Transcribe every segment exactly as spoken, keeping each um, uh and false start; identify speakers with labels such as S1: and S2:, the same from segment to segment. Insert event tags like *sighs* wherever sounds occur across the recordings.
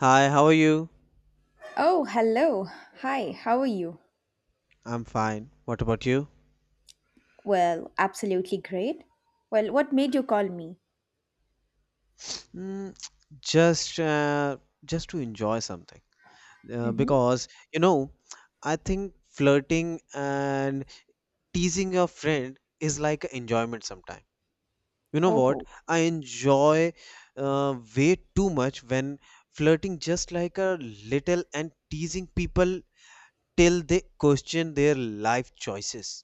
S1: Hi, how are you?
S2: Oh, hello. Hi, how are you?
S1: I'm fine. What about you?
S2: Well, absolutely great. Well, what made you call me?
S1: Mm, just uh, just to enjoy something. Uh,
S2: Mm-hmm.
S1: because you know, I think flirting and teasing your friend is like an enjoyment sometime. You know what?
S2: Oh,
S1: I enjoy uh, way too much when flirting just like a little and teasing people till they question their life choices.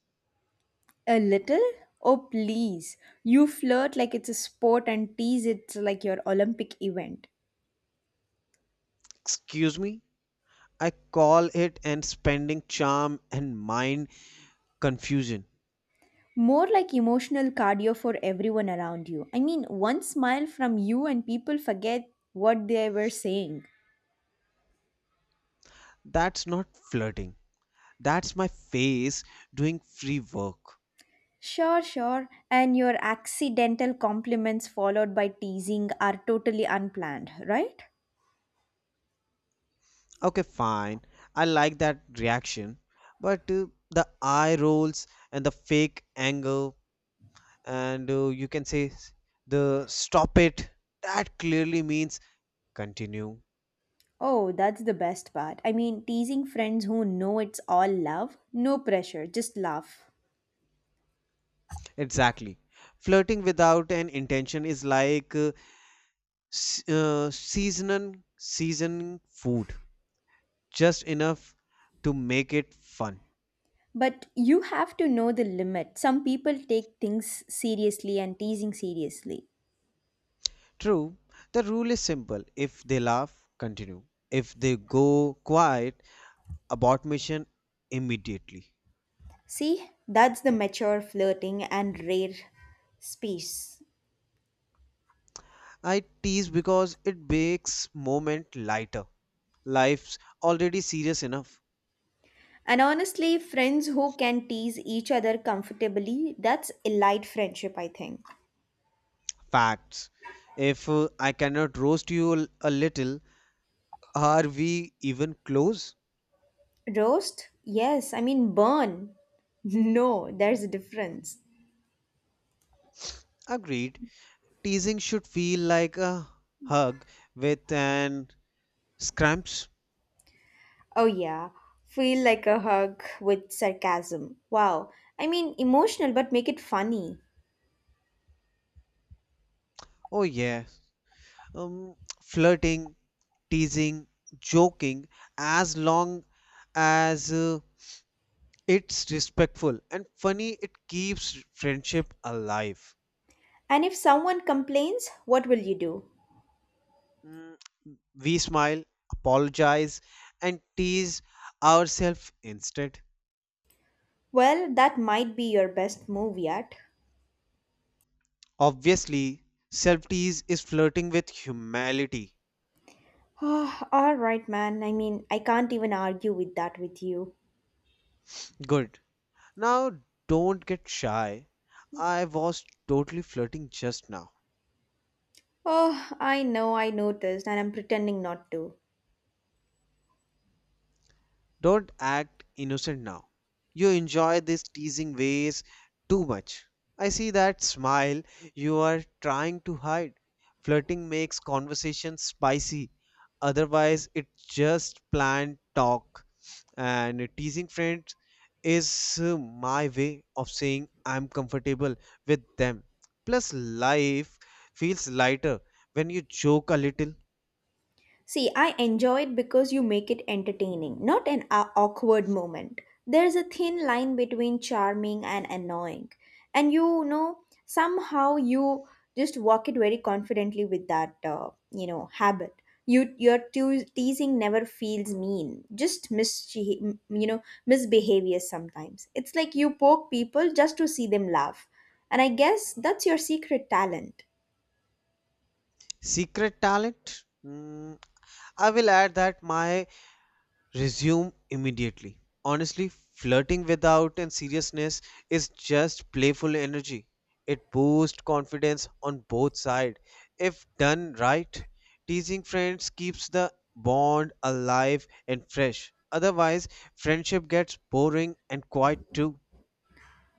S2: a little? Oh, please. You flirt like it's a sport and tease it like your Olympic event.
S1: Excuse me? I call it and spending charm and mind confusion.
S2: More like emotional cardio for everyone around you. I mean, one smile from you and people forget what they were saying.
S1: That's not flirting. That's my face doing free work.
S2: Sure, sure. And your accidental compliments followed by teasing are totally unplanned, right?
S1: Okay, fine. I like that reaction. But uh, the eye rolls and the fake anger, and uh, you can say s- the stop it, that clearly means continue.
S2: Oh, that's the best part. I mean, teasing friends who know it's all love, no pressure, just laugh.
S1: Exactly. Flirting without an intention is like uh, s- uh, seasoning, seasoning food, just enough to make it fun.
S2: But you have to know the limit. Some people take things seriously and teasing seriously.
S1: True, the rule is simple. If they laugh, continue. If they go quiet, abort mission immediately.
S2: See, that's the mature flirting and rare space.
S1: I tease because it makes moment lighter. Life's already serious enough.
S2: And honestly, friends who can tease each other comfortably, that's elite friendship, I think.
S1: Facts. If uh, I cannot roast you l- a little, are we even close?
S2: Roast? Yes, I mean, burn. *laughs* No, there's a difference.
S1: Agreed. Teasing should feel like a hug with an scrumps.
S2: Oh, yeah. Feel like a hug with sarcasm. Wow. I mean, emotional, but make it funny.
S1: Oh yeah. Um, flirting teasing, joking, as long as uh, it's respectful and funny, it keeps friendship alive.
S2: And if someone complains, what will you do?
S1: Mm, We smile, apologize, and tease ourselves instead.
S2: Well, that might be your best move yet. *sighs*
S1: Obviously, self tease is flirting with humility.
S2: Oh, all right, man. I mean, I can't even argue with that with you.
S1: Good. Now, don't get shy. I was totally flirting just now.
S2: Oh, I know, I noticed, and I'm pretending not to.
S1: Don't act innocent now. You enjoy these teasing ways too much. I see that smile you are trying to hide. Flirting makes conversation spicy. Otherwise, it's just planned talk. And teasing friends is uh, my way of saying I'm comfortable with them. Plus, life feels lighter when you joke a little.
S2: See, I enjoy it because you make it entertaining, not an au- awkward moment. There's a thin line between charming and annoying. And you know, somehow you just walk it very confidently with that, uh, you know, habit. You, your teo- teasing never feels mean, just mischief, you know, misbehavior sometimes. It's like you poke people just to see them laugh. And I guess that's your secret talent.
S1: Secret talent? Mm, I will add that my resume immediately. Honestly, flirting without and seriousness is just playful energy. It boosts confidence on both sides. If done right, teasing friends keeps the bond alive and fresh. Otherwise, friendship gets boring and quiet too.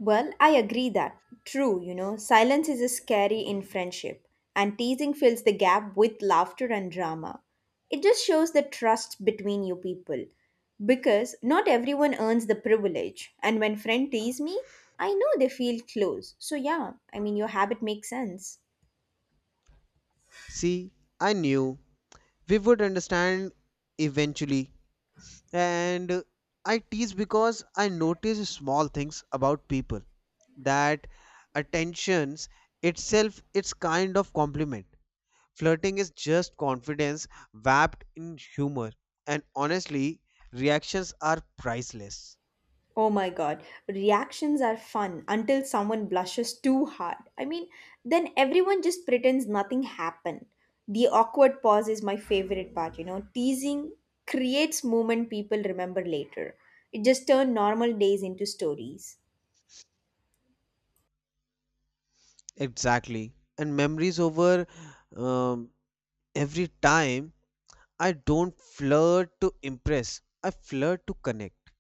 S2: Well, I agree that. True, you know, silence is scary in friendship, and teasing fills the gap with laughter and drama. It just shows the trust between you people. Because not everyone earns the privilege, and when friend tease me, I know they feel close. So yeah, I mean your habit makes sense.
S1: See, I knew we would understand eventually. and uh, I tease because I notice small things about people that attentions itself. It's kind of compliment. Flirting is just confidence wrapped in humor, and honestly, reactions are priceless.
S2: Oh my god, reactions are fun until someone blushes too hard. I mean, then everyone just pretends nothing happened. The awkward pause is my favorite part, you know. Teasing creates moment people remember later. It just turned normal days into stories.
S1: Exactly. And memories over um, every time. I don't flirt to impress. I flirt to connect,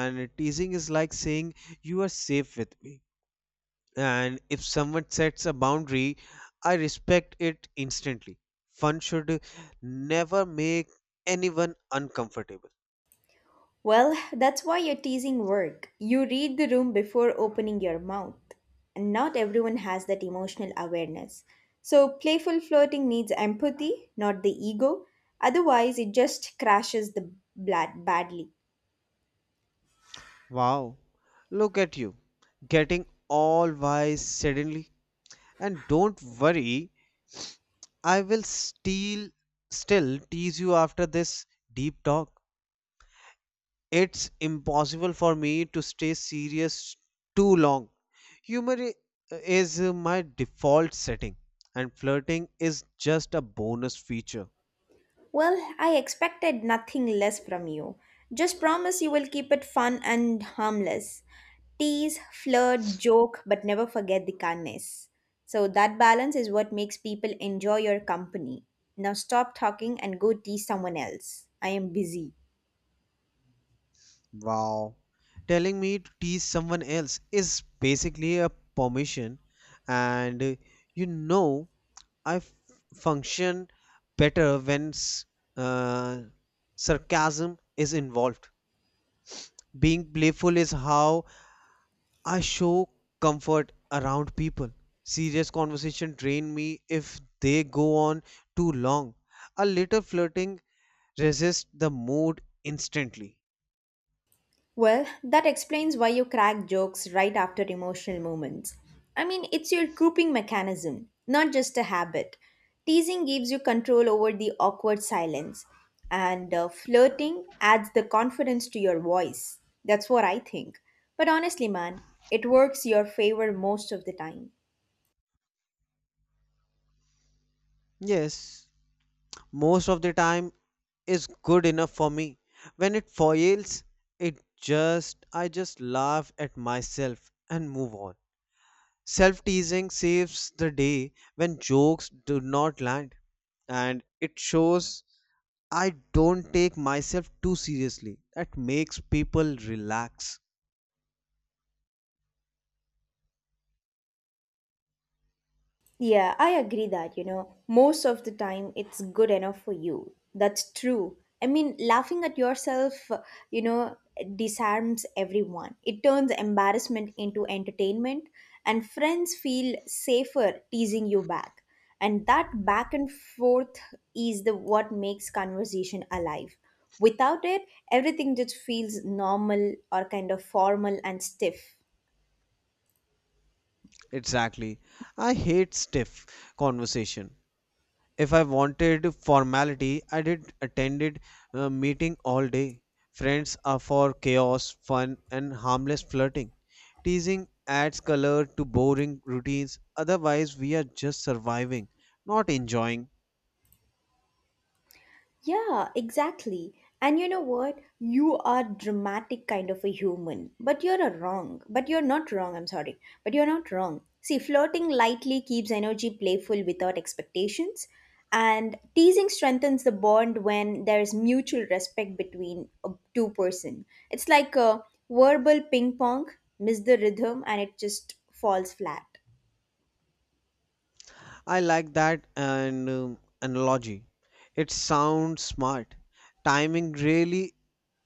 S1: and teasing is like saying you are safe with me. And if someone sets a boundary, I respect it instantly. Fun should never make anyone uncomfortable.
S2: Well, that's why you're teasing work. You read the room before opening your mouth. And not everyone has that emotional awareness. So, playful flirting needs empathy, not the ego. Otherwise, it just crashes the blood badly.
S1: Wow, look at you getting all wise suddenly. And don't worry, I will still still tease you after this deep talk. It's impossible for me to stay serious too long. Humor i- is uh, my default setting, and flirting is just a bonus feature.
S2: Well, I expected nothing less from you. Just promise you will keep it fun and harmless. Tease, flirt, joke, but never forget the kindness. So that balance is what makes people enjoy your company. Now stop talking and go tease someone else. I am busy.
S1: Wow. Telling me to tease someone else is basically a permission, and uh, you know, I f- function better when s- uh, sarcasm is involved. Being playful is how I show comfort around people. Serious conversation drain me if they go on too long. A little flirting resists the mood instantly.
S2: Well, that explains why you crack jokes right after emotional moments. I mean, it's your coping mechanism, not just a habit. Teasing gives you control over the awkward silence, and uh, flirting adds the confidence to your voice. That's what I think. But honestly, man, it works your favor most of the time.
S1: Yes, most of the time is good enough for me. When it foils, it just I just laugh at myself and move on. Self-teasing saves the day when jokes do not land and it shows I don't take myself too seriously. That makes people relax.
S2: Yeah, I agree that, you know, most of the time it's good enough for you. That's true. I mean, laughing at yourself, uh, you know, disarms everyone. It turns embarrassment into entertainment, and friends feel safer teasing you back. And that back and forth is the what makes conversation alive. Without it, everything just feels normal or kind of formal and stiff.
S1: Exactly. I hate stiff conversation. If I wanted formality, I did attended a meeting all day. Friends are for chaos, fun, and harmless flirting. Teasing adds color to boring routines. Otherwise, we are just surviving, not enjoying.
S2: Yeah, exactly. And you know what? You are dramatic kind of a human, but you're a wrong. But you're not wrong, I'm sorry. But you're not wrong. See, flirting lightly keeps energy playful without expectations, and teasing strengthens the bond when there's mutual respect between a two person. It's like a verbal ping pong, miss the rhythm and it just falls flat.
S1: I like that and um, analogy. It sounds smart. Timing really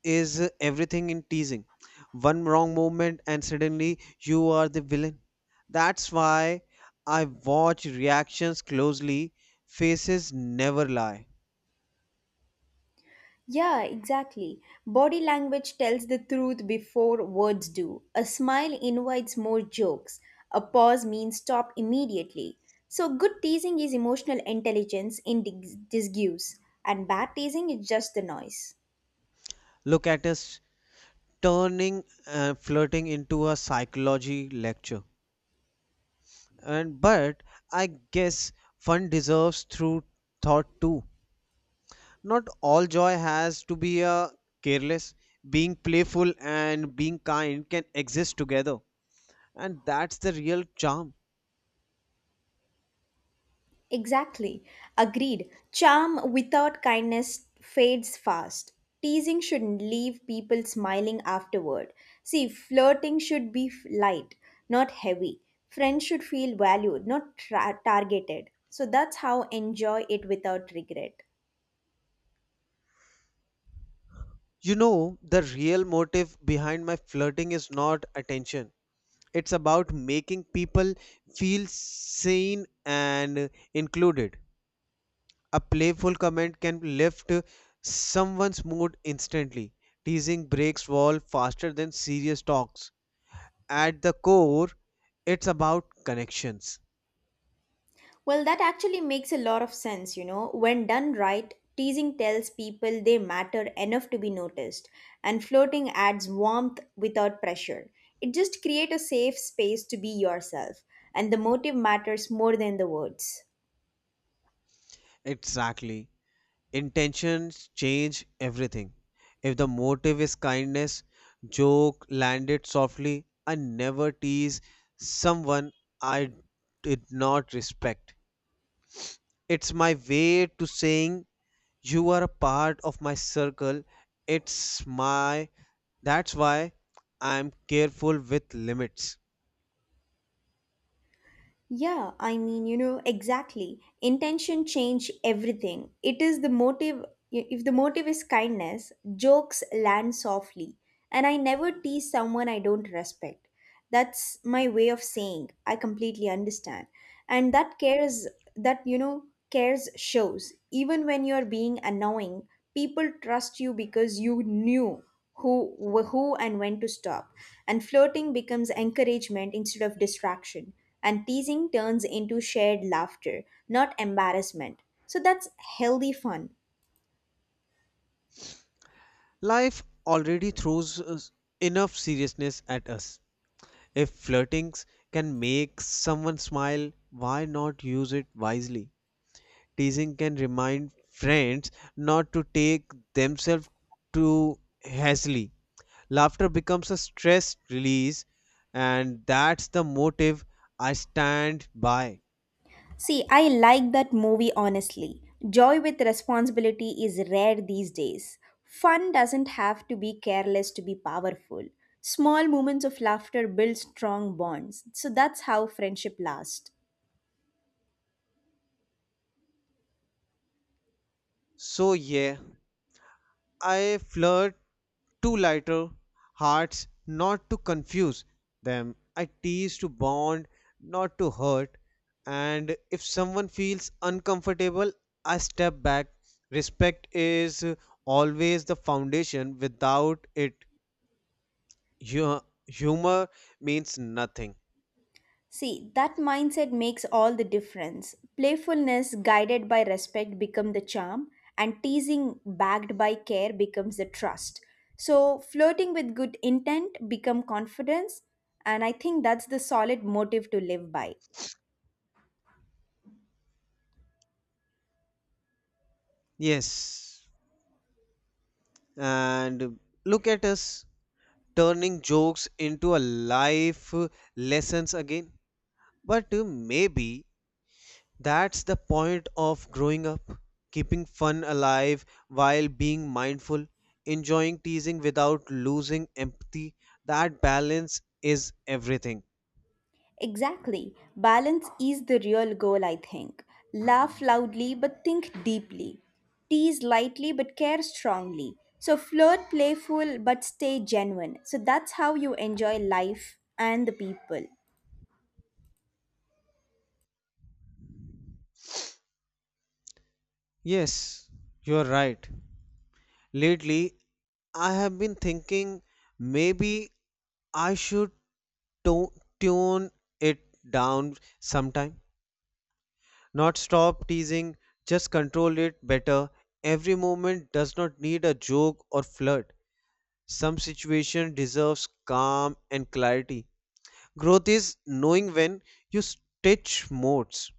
S1: is uh, everything in teasing. One wrong moment and suddenly you are the villain. That's why I watch reactions closely. Faces never lie.
S2: Yeah, exactly. Body language tells the truth before words do. A smile invites more jokes. A pause means stop immediately. So, good teasing is emotional intelligence in dis- disguise, and bad teasing is just the noise.
S1: Look at us turning uh, flirting into a psychology lecture. And but I guess fun deserves through thought too. Not all joy has to be a careless. Being playful and being kind can exist together, and that's the real charm.
S2: Exactly. Agreed. Charm without kindness fades fast. Teasing shouldn't leave people smiling afterward. See, flirting should be f- light, not heavy. Friends should feel valued, not tra- targeted. So that's how enjoy it without regret.
S1: You know, the real motive behind my flirting is not attention. It's about making people feel seen and included. A playful comment can lift someone's mood instantly. Teasing breaks walls faster than serious talks. At the core, it's about connections.
S2: Well, that actually makes a lot of sense, you know. When done right, teasing tells people they matter enough to be noticed, and flirting adds warmth without pressure. It just creates a safe space to be yourself, and the motive matters more than the words.
S1: Exactly. Intentions change everything. If the motive is kindness, joke, land it softly, and never tease someone I did not respect. It's my way to saying you are a part of my circle. It's my that's why I'm careful with limits.
S2: Yeah, I mean, you know, exactly. Intention change everything. It is the motive. If the motive is kindness, jokes land softly. And I never tease someone I don't respect. That's my way of saying I completely understand. And that cares, that, you know, cares shows. Even when you're being annoying, people trust you because you knew who wh- who and when to stop and flirting becomes encouragement instead of distraction and teasing turns into shared laughter not embarrassment so that's healthy fun.
S1: Life already throws us enough seriousness at us. If flirtings can make someone smile, why not use it wisely? Teasing can remind friends not to take themselves too hastily. Laughter becomes a stress release, and that's the motive I stand by.
S2: See, I like that movie honestly. Joy with responsibility is rare these days. Fun doesn't have to be careless to be powerful. Small moments of laughter build strong bonds, so that's how friendship lasts.
S1: So, yeah, I flirt two lighter hearts, not to confuse them. I tease to bond, not to hurt. And if someone feels uncomfortable, I step back. Respect is always the foundation. Without it, hu- humor means nothing.
S2: See, that mindset makes all the difference. Playfulness guided by respect become the charm and teasing backed by care becomes the trust. So, flirting with good intent become confidence and I think that's the solid motive to live by.
S1: Yes. And look at us turning jokes into a life lessons again. But maybe that's the point of growing up, keeping fun alive while being mindful, enjoying teasing without losing empathy. That balance is everything.
S2: Exactly. Balance is the real goal, I think. Laugh loudly but think deeply. Tease lightly but care strongly. So flirt playful but stay genuine. So that's how you enjoy life and the people.
S1: Yes, you're right. Lately, I have been thinking maybe I should to- tune it down sometime. Not stop teasing, just control it better. Every moment does not need a joke or flirt. Some situation deserves calm and clarity. Growth is knowing when you switch modes.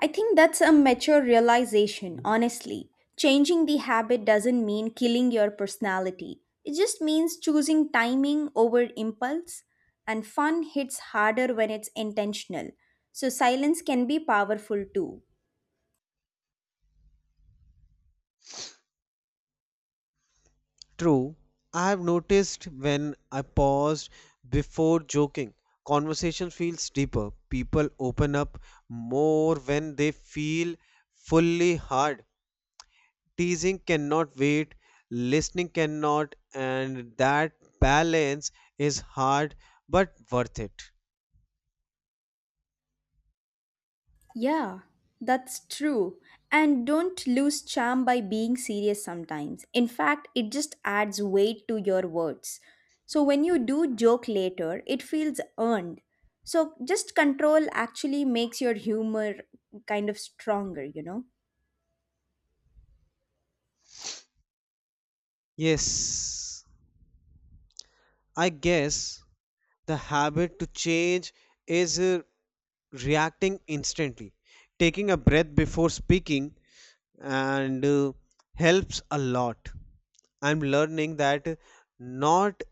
S2: I think that's a mature realization, honestly. Changing the habit doesn't mean killing your personality. It just means choosing timing over impulse, and fun hits harder when it's intentional. So silence can be powerful too.
S1: True, I have noticed when I paused before joking, conversation feels deeper. People open up more when they feel fully hard. Teasing cannot wait, listening cannot, and that balance is hard but worth it.
S2: Yeah, that's true. And don't lose charm by being serious sometimes. In fact, it just adds weight to your words. So when you do joke later, it feels earned. So just control actually makes your humor kind of stronger, you know?
S1: Yes, I guess the habit to change is uh, reacting instantly, taking a breath before speaking and uh, helps a lot. I'm learning that not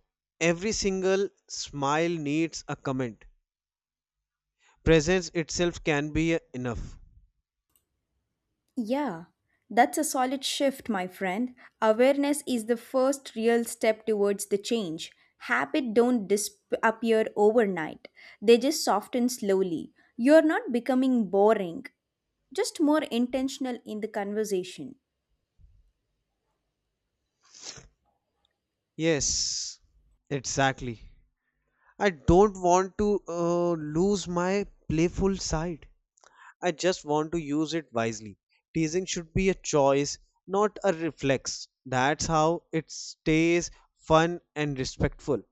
S1: every single smile needs a comment. Presence itself can be uh, enough.
S2: Yeah, that's a solid shift, my friend. Awareness is the first real step towards the change. Habits don't disappear overnight, they just soften slowly. You're not becoming boring, just more intentional in the conversation.
S1: Yes, exactly. I don't want to uh, lose my playful side. I just want to use it wisely. Teasing should be a choice, not a reflex. That's how it stays fun and respectful.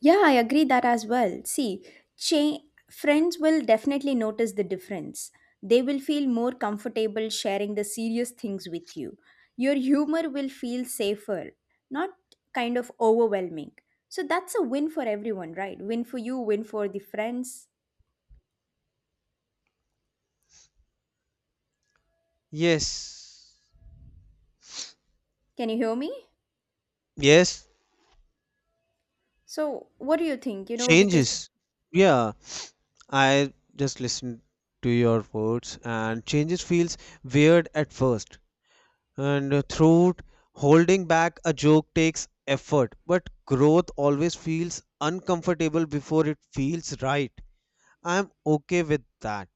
S2: Yeah, I agree that as well. See, cha- friends will definitely notice the difference. They will feel more comfortable sharing the serious things with you. Your humor will feel safer, not kind of overwhelming. So that's a win for everyone, right? Win for you, win for the friends.
S1: Yes.
S2: Can you hear me?
S1: Yes.
S2: So, what do you think? You know, because...
S1: Changes. Yeah. I just listened to your words and changes feels weird at first. And uh, throughout holding back a joke takes effort, but growth always feels uncomfortable before it feels right. I'm okay with that.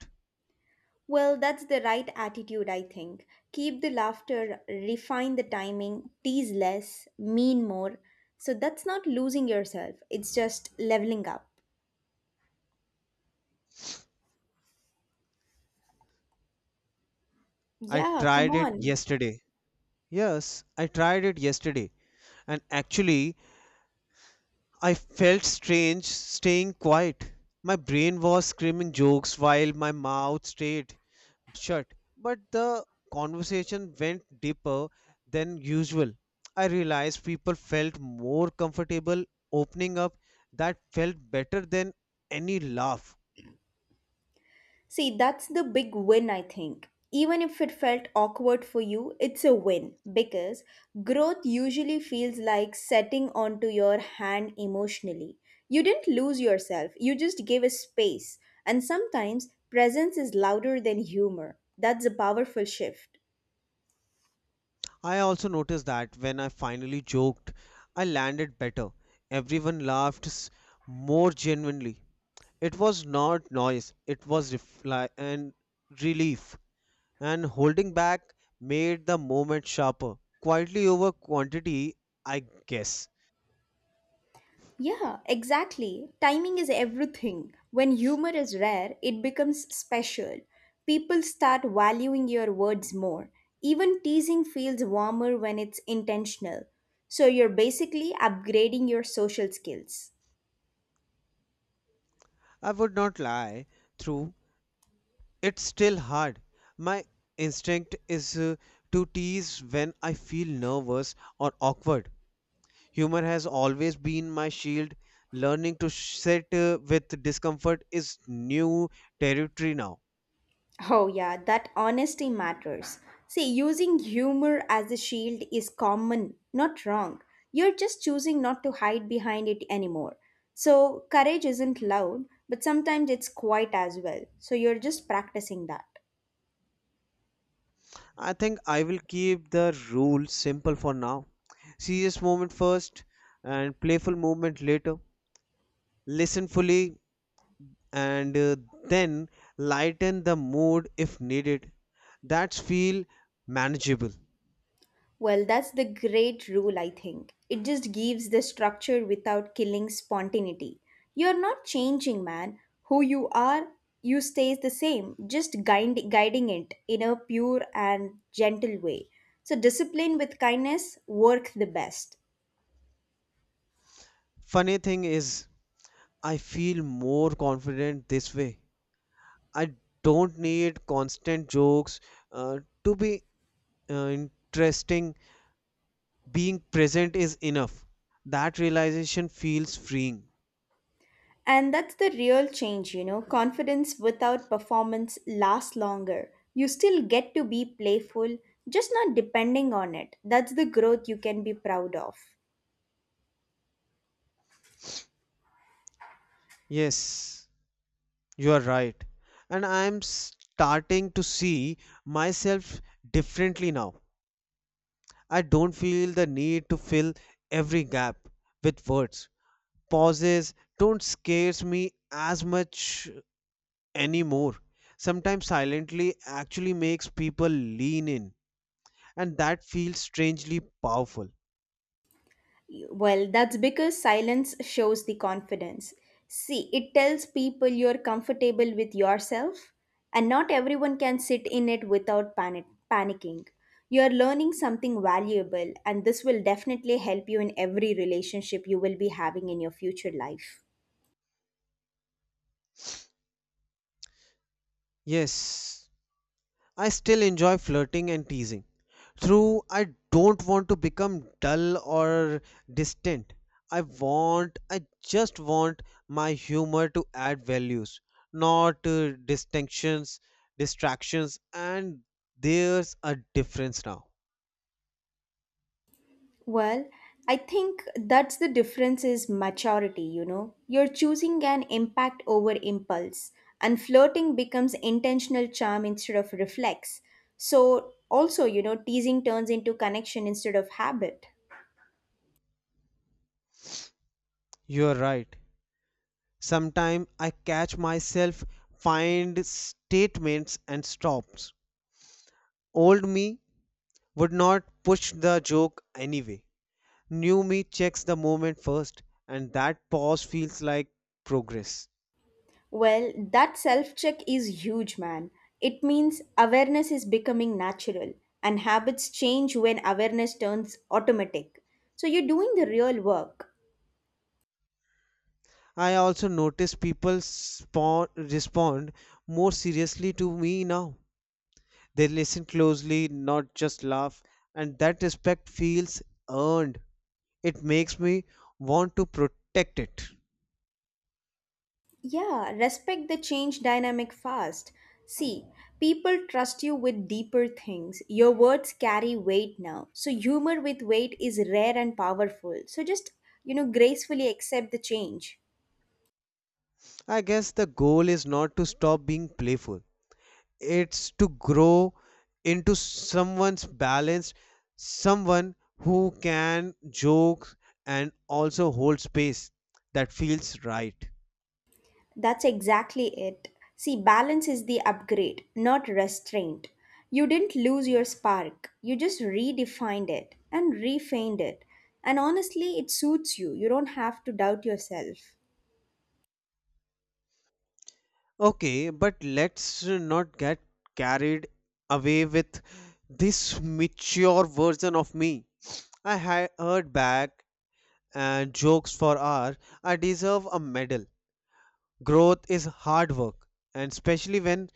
S2: Well, that's the right attitude, I think. Keep the laughter, refine the timing, tease less, mean more. So that's not losing yourself, it's just leveling up.
S1: I
S2: Yeah, come
S1: tried it
S2: on.
S1: yesterday. Yes, I tried it yesterday. And actually, I felt strange staying quiet. My brain was screaming jokes while my mouth stayed shut. But the conversation went deeper than usual. I realized people felt more comfortable opening up. That felt better than any laugh.
S2: See, that's the big win, I think. Even if it felt awkward for you, it's a win because growth usually feels like setting onto your hand emotionally. You didn't lose yourself, you just gave a space. And sometimes presence is louder than humor. That's a powerful shift.
S1: I also noticed that when I finally joked, I landed better. Everyone laughed s- more genuinely. It was not noise, it was refli- and relief. And holding back made the moment sharper. Quietly over quantity, I guess.
S2: Yeah, exactly. Timing is everything. When humor is rare, it becomes special. People start valuing your words more. Even teasing feels warmer when it's intentional. So you're basically upgrading your social skills.
S1: I would not lie through. It's still hard. My instinct is uh, to tease when I feel nervous or awkward. Humor has always been my shield. Learning to sit uh, with discomfort is new territory now.
S2: Oh, yeah, that honesty matters. See, using humor as a shield is common, not wrong. You're just choosing not to hide behind it anymore. So, courage isn't loud, but sometimes it's quiet as well. So, you're just practicing that.
S1: I think I will keep the rule simple for now. Serious moment first and playful moment later. Listen fully and uh, then lighten the mood if needed. That's feel manageable.
S2: Well, that's the great rule, I think. It just gives the structure without killing spontaneity. You're not changing, man. Who you are, you stays the same, just guide, guiding it in a pure and gentle way. So, discipline with kindness work the best.
S1: Funny thing is, I feel more confident this way. I don't need constant jokes uh, to be uh, interesting. Being present is enough. That realization feels freeing.
S2: And that's the real change, you know. Confidence without performance lasts longer. You still get to be playful, just not depending on it. That's the growth you can be proud of.
S1: Yes, you are right. And I'm starting to see myself differently now. I don't feel the need to fill every gap with words. Pauses don't scare me as much anymore. Sometimes silently actually makes people lean in and that feels strangely powerful.
S2: Well, that's because silence shows the confidence. See, it tells people you're comfortable with yourself, and not everyone can sit in it without panic- panicking. You're learning something valuable, and this will definitely help you in every relationship you will be having in your future life.
S1: Yes, I still enjoy flirting and teasing. Through, I don't want to become dull or distant. I want, I just want my humor to add values, not uh, distinctions, distractions, and there's a difference now.
S2: Well, I think that's the difference is maturity, you know. You're choosing an impact over impulse, and flirting becomes intentional charm instead of reflex. So, also, you know, teasing turns into connection instead of habit.
S1: You're right. Sometimes I catch myself find statements and stops. Old me would not push the joke anyway. New me checks the moment first, and that pause feels like progress.
S2: Well, that self check is huge, man. It means awareness is becoming natural, and habits change when awareness turns automatic. So, you're doing the real work.
S1: I also notice people spawn, respond more seriously to me now. They listen closely, not just laugh, and that respect feels earned. It makes me want to protect it.
S2: Yeah, respect the change dynamic fast. See, people trust you with deeper things. Your words carry weight now. So humor with weight is rare and powerful. So just, you know, gracefully accept the change.
S1: I guess the goal is not to stop being playful. It's to grow into someone's balanced someone who can joke and also hold space that feels right.
S2: That's exactly it. See, balance is the upgrade, not restraint. You didn't lose your spark. You just redefined it and refined it. And honestly, it suits you. You don't have to doubt yourself.
S1: Okay, but let's not get carried away with this mature version of me. I had heard back and jokes for hours. I deserve a medal. Growth is hard work, and especially when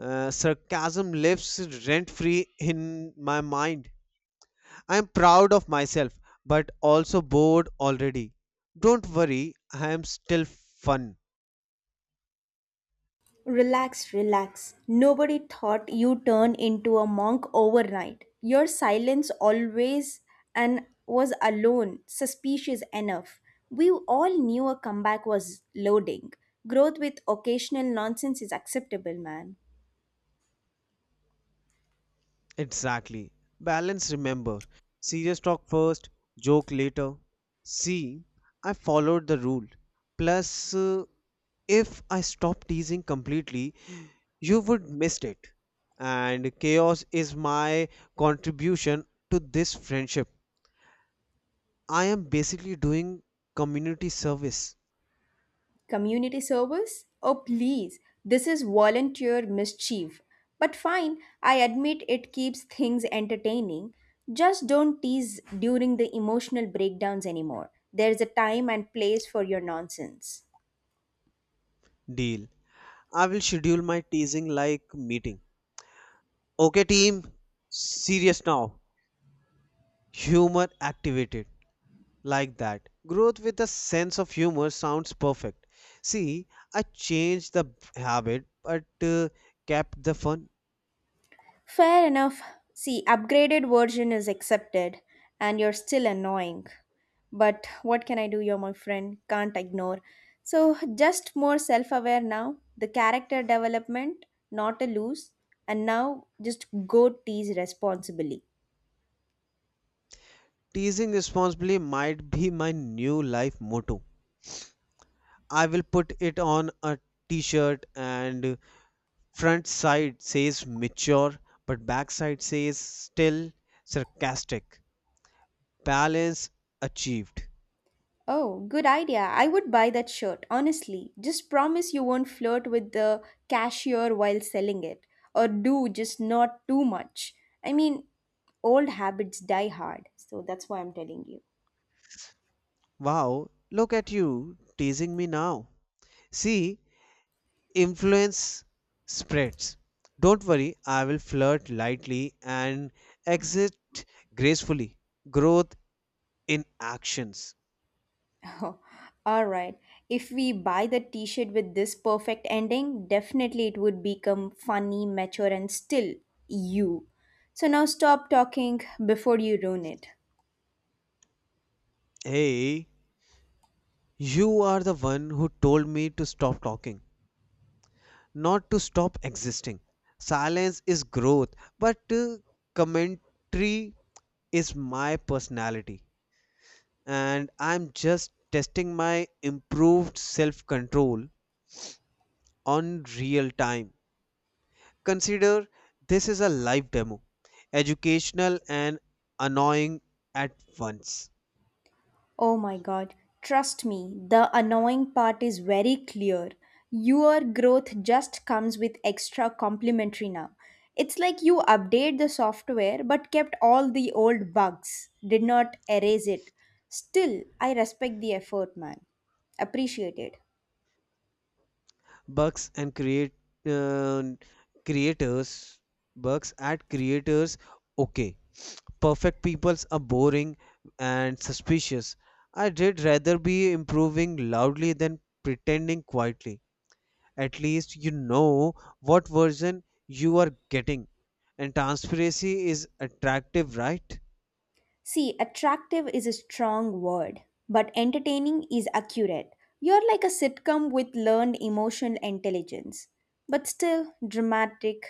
S1: uh, sarcasm lives rent free in my mind. I'm proud of myself, but also bored already. Don't worry, I am still fun.
S2: Relax, relax. Nobody thought you turned into a monk overnight. Your silence always and was alone, suspicious enough. We all knew a comeback was loading. Growth with occasional nonsense is acceptable, man.
S1: Exactly. Balance, remember. Serious talk first, joke later. See, I followed the rule. Plus, uh, if I stopped teasing completely, you would missed it. And chaos is my contribution to this friendship. I am basically doing community service.
S2: Community service? Oh, please, this is volunteer mischief. But fine, I admit it keeps things entertaining. Just don't tease during the emotional breakdowns anymore. There's a time and place for your nonsense.
S1: Deal. I will schedule my teasing like meeting. Okay, team, serious now. Humor activated like that. Growth with a sense of humor sounds perfect. See, I changed the habit but uh, kept the fun.
S2: Fair enough. See, upgraded version is accepted and you're still annoying. But what can I do, you're my friend? Can't ignore. So, just more self aware now. The character development, not a lose. And now just go tease responsibly.
S1: Teasing responsibly might be my new life motto. I will put it on a t shirt and front side says mature, but back side says still sarcastic. Balance achieved.
S2: Oh, good idea. I would buy that shirt, honestly. Just promise you won't flirt with the cashier while selling it. Or do, just not too much. I mean, old habits die hard. So that's why I'm telling you.
S1: Wow, look at you teasing me now. See, influence spreads. Don't worry, I will flirt lightly and exit gracefully. Growth in actions.
S2: *laughs* All right. If we buy the t shirt with this perfect ending, definitely it would become funny, mature, and still you. So now stop talking before you ruin it.
S1: Hey, you are the one who told me to stop talking, not to stop existing. Silence is growth, but uh, commentary is my personality. And I'm just testing my improved self control on real time. Consider this is a live demo, educational and annoying at once.
S2: Oh my god, trust me, the annoying part is very clear. Your growth just comes with extra complimentary now. It's like you update the software but kept all the old bugs, did not erase it. Still, I respect the effort, man. Appreciate it.
S1: Bugs and create uh, creators, bugs at creators. Okay, perfect peoples are boring and suspicious. I did rather be improving loudly than pretending quietly. At least you know what version you are getting and transparency is attractive, right?
S2: See, attractive is a strong word, but entertaining is accurate. You're like a sitcom with learned emotional intelligence, but still dramatic,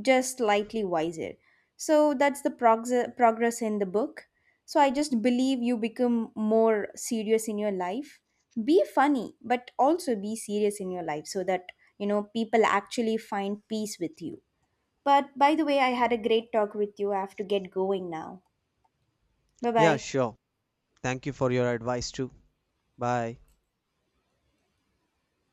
S2: just slightly wiser. So that's the prog- progress in the book. So I just believe you become more serious in your life. Be funny, but also be serious in your life so that, you know, people actually find peace with you. But by the way, I had a great talk with you. I have to get going now. Bye
S1: Yeah,
S2: bye.
S1: sure. Thank you for your advice too. Bye.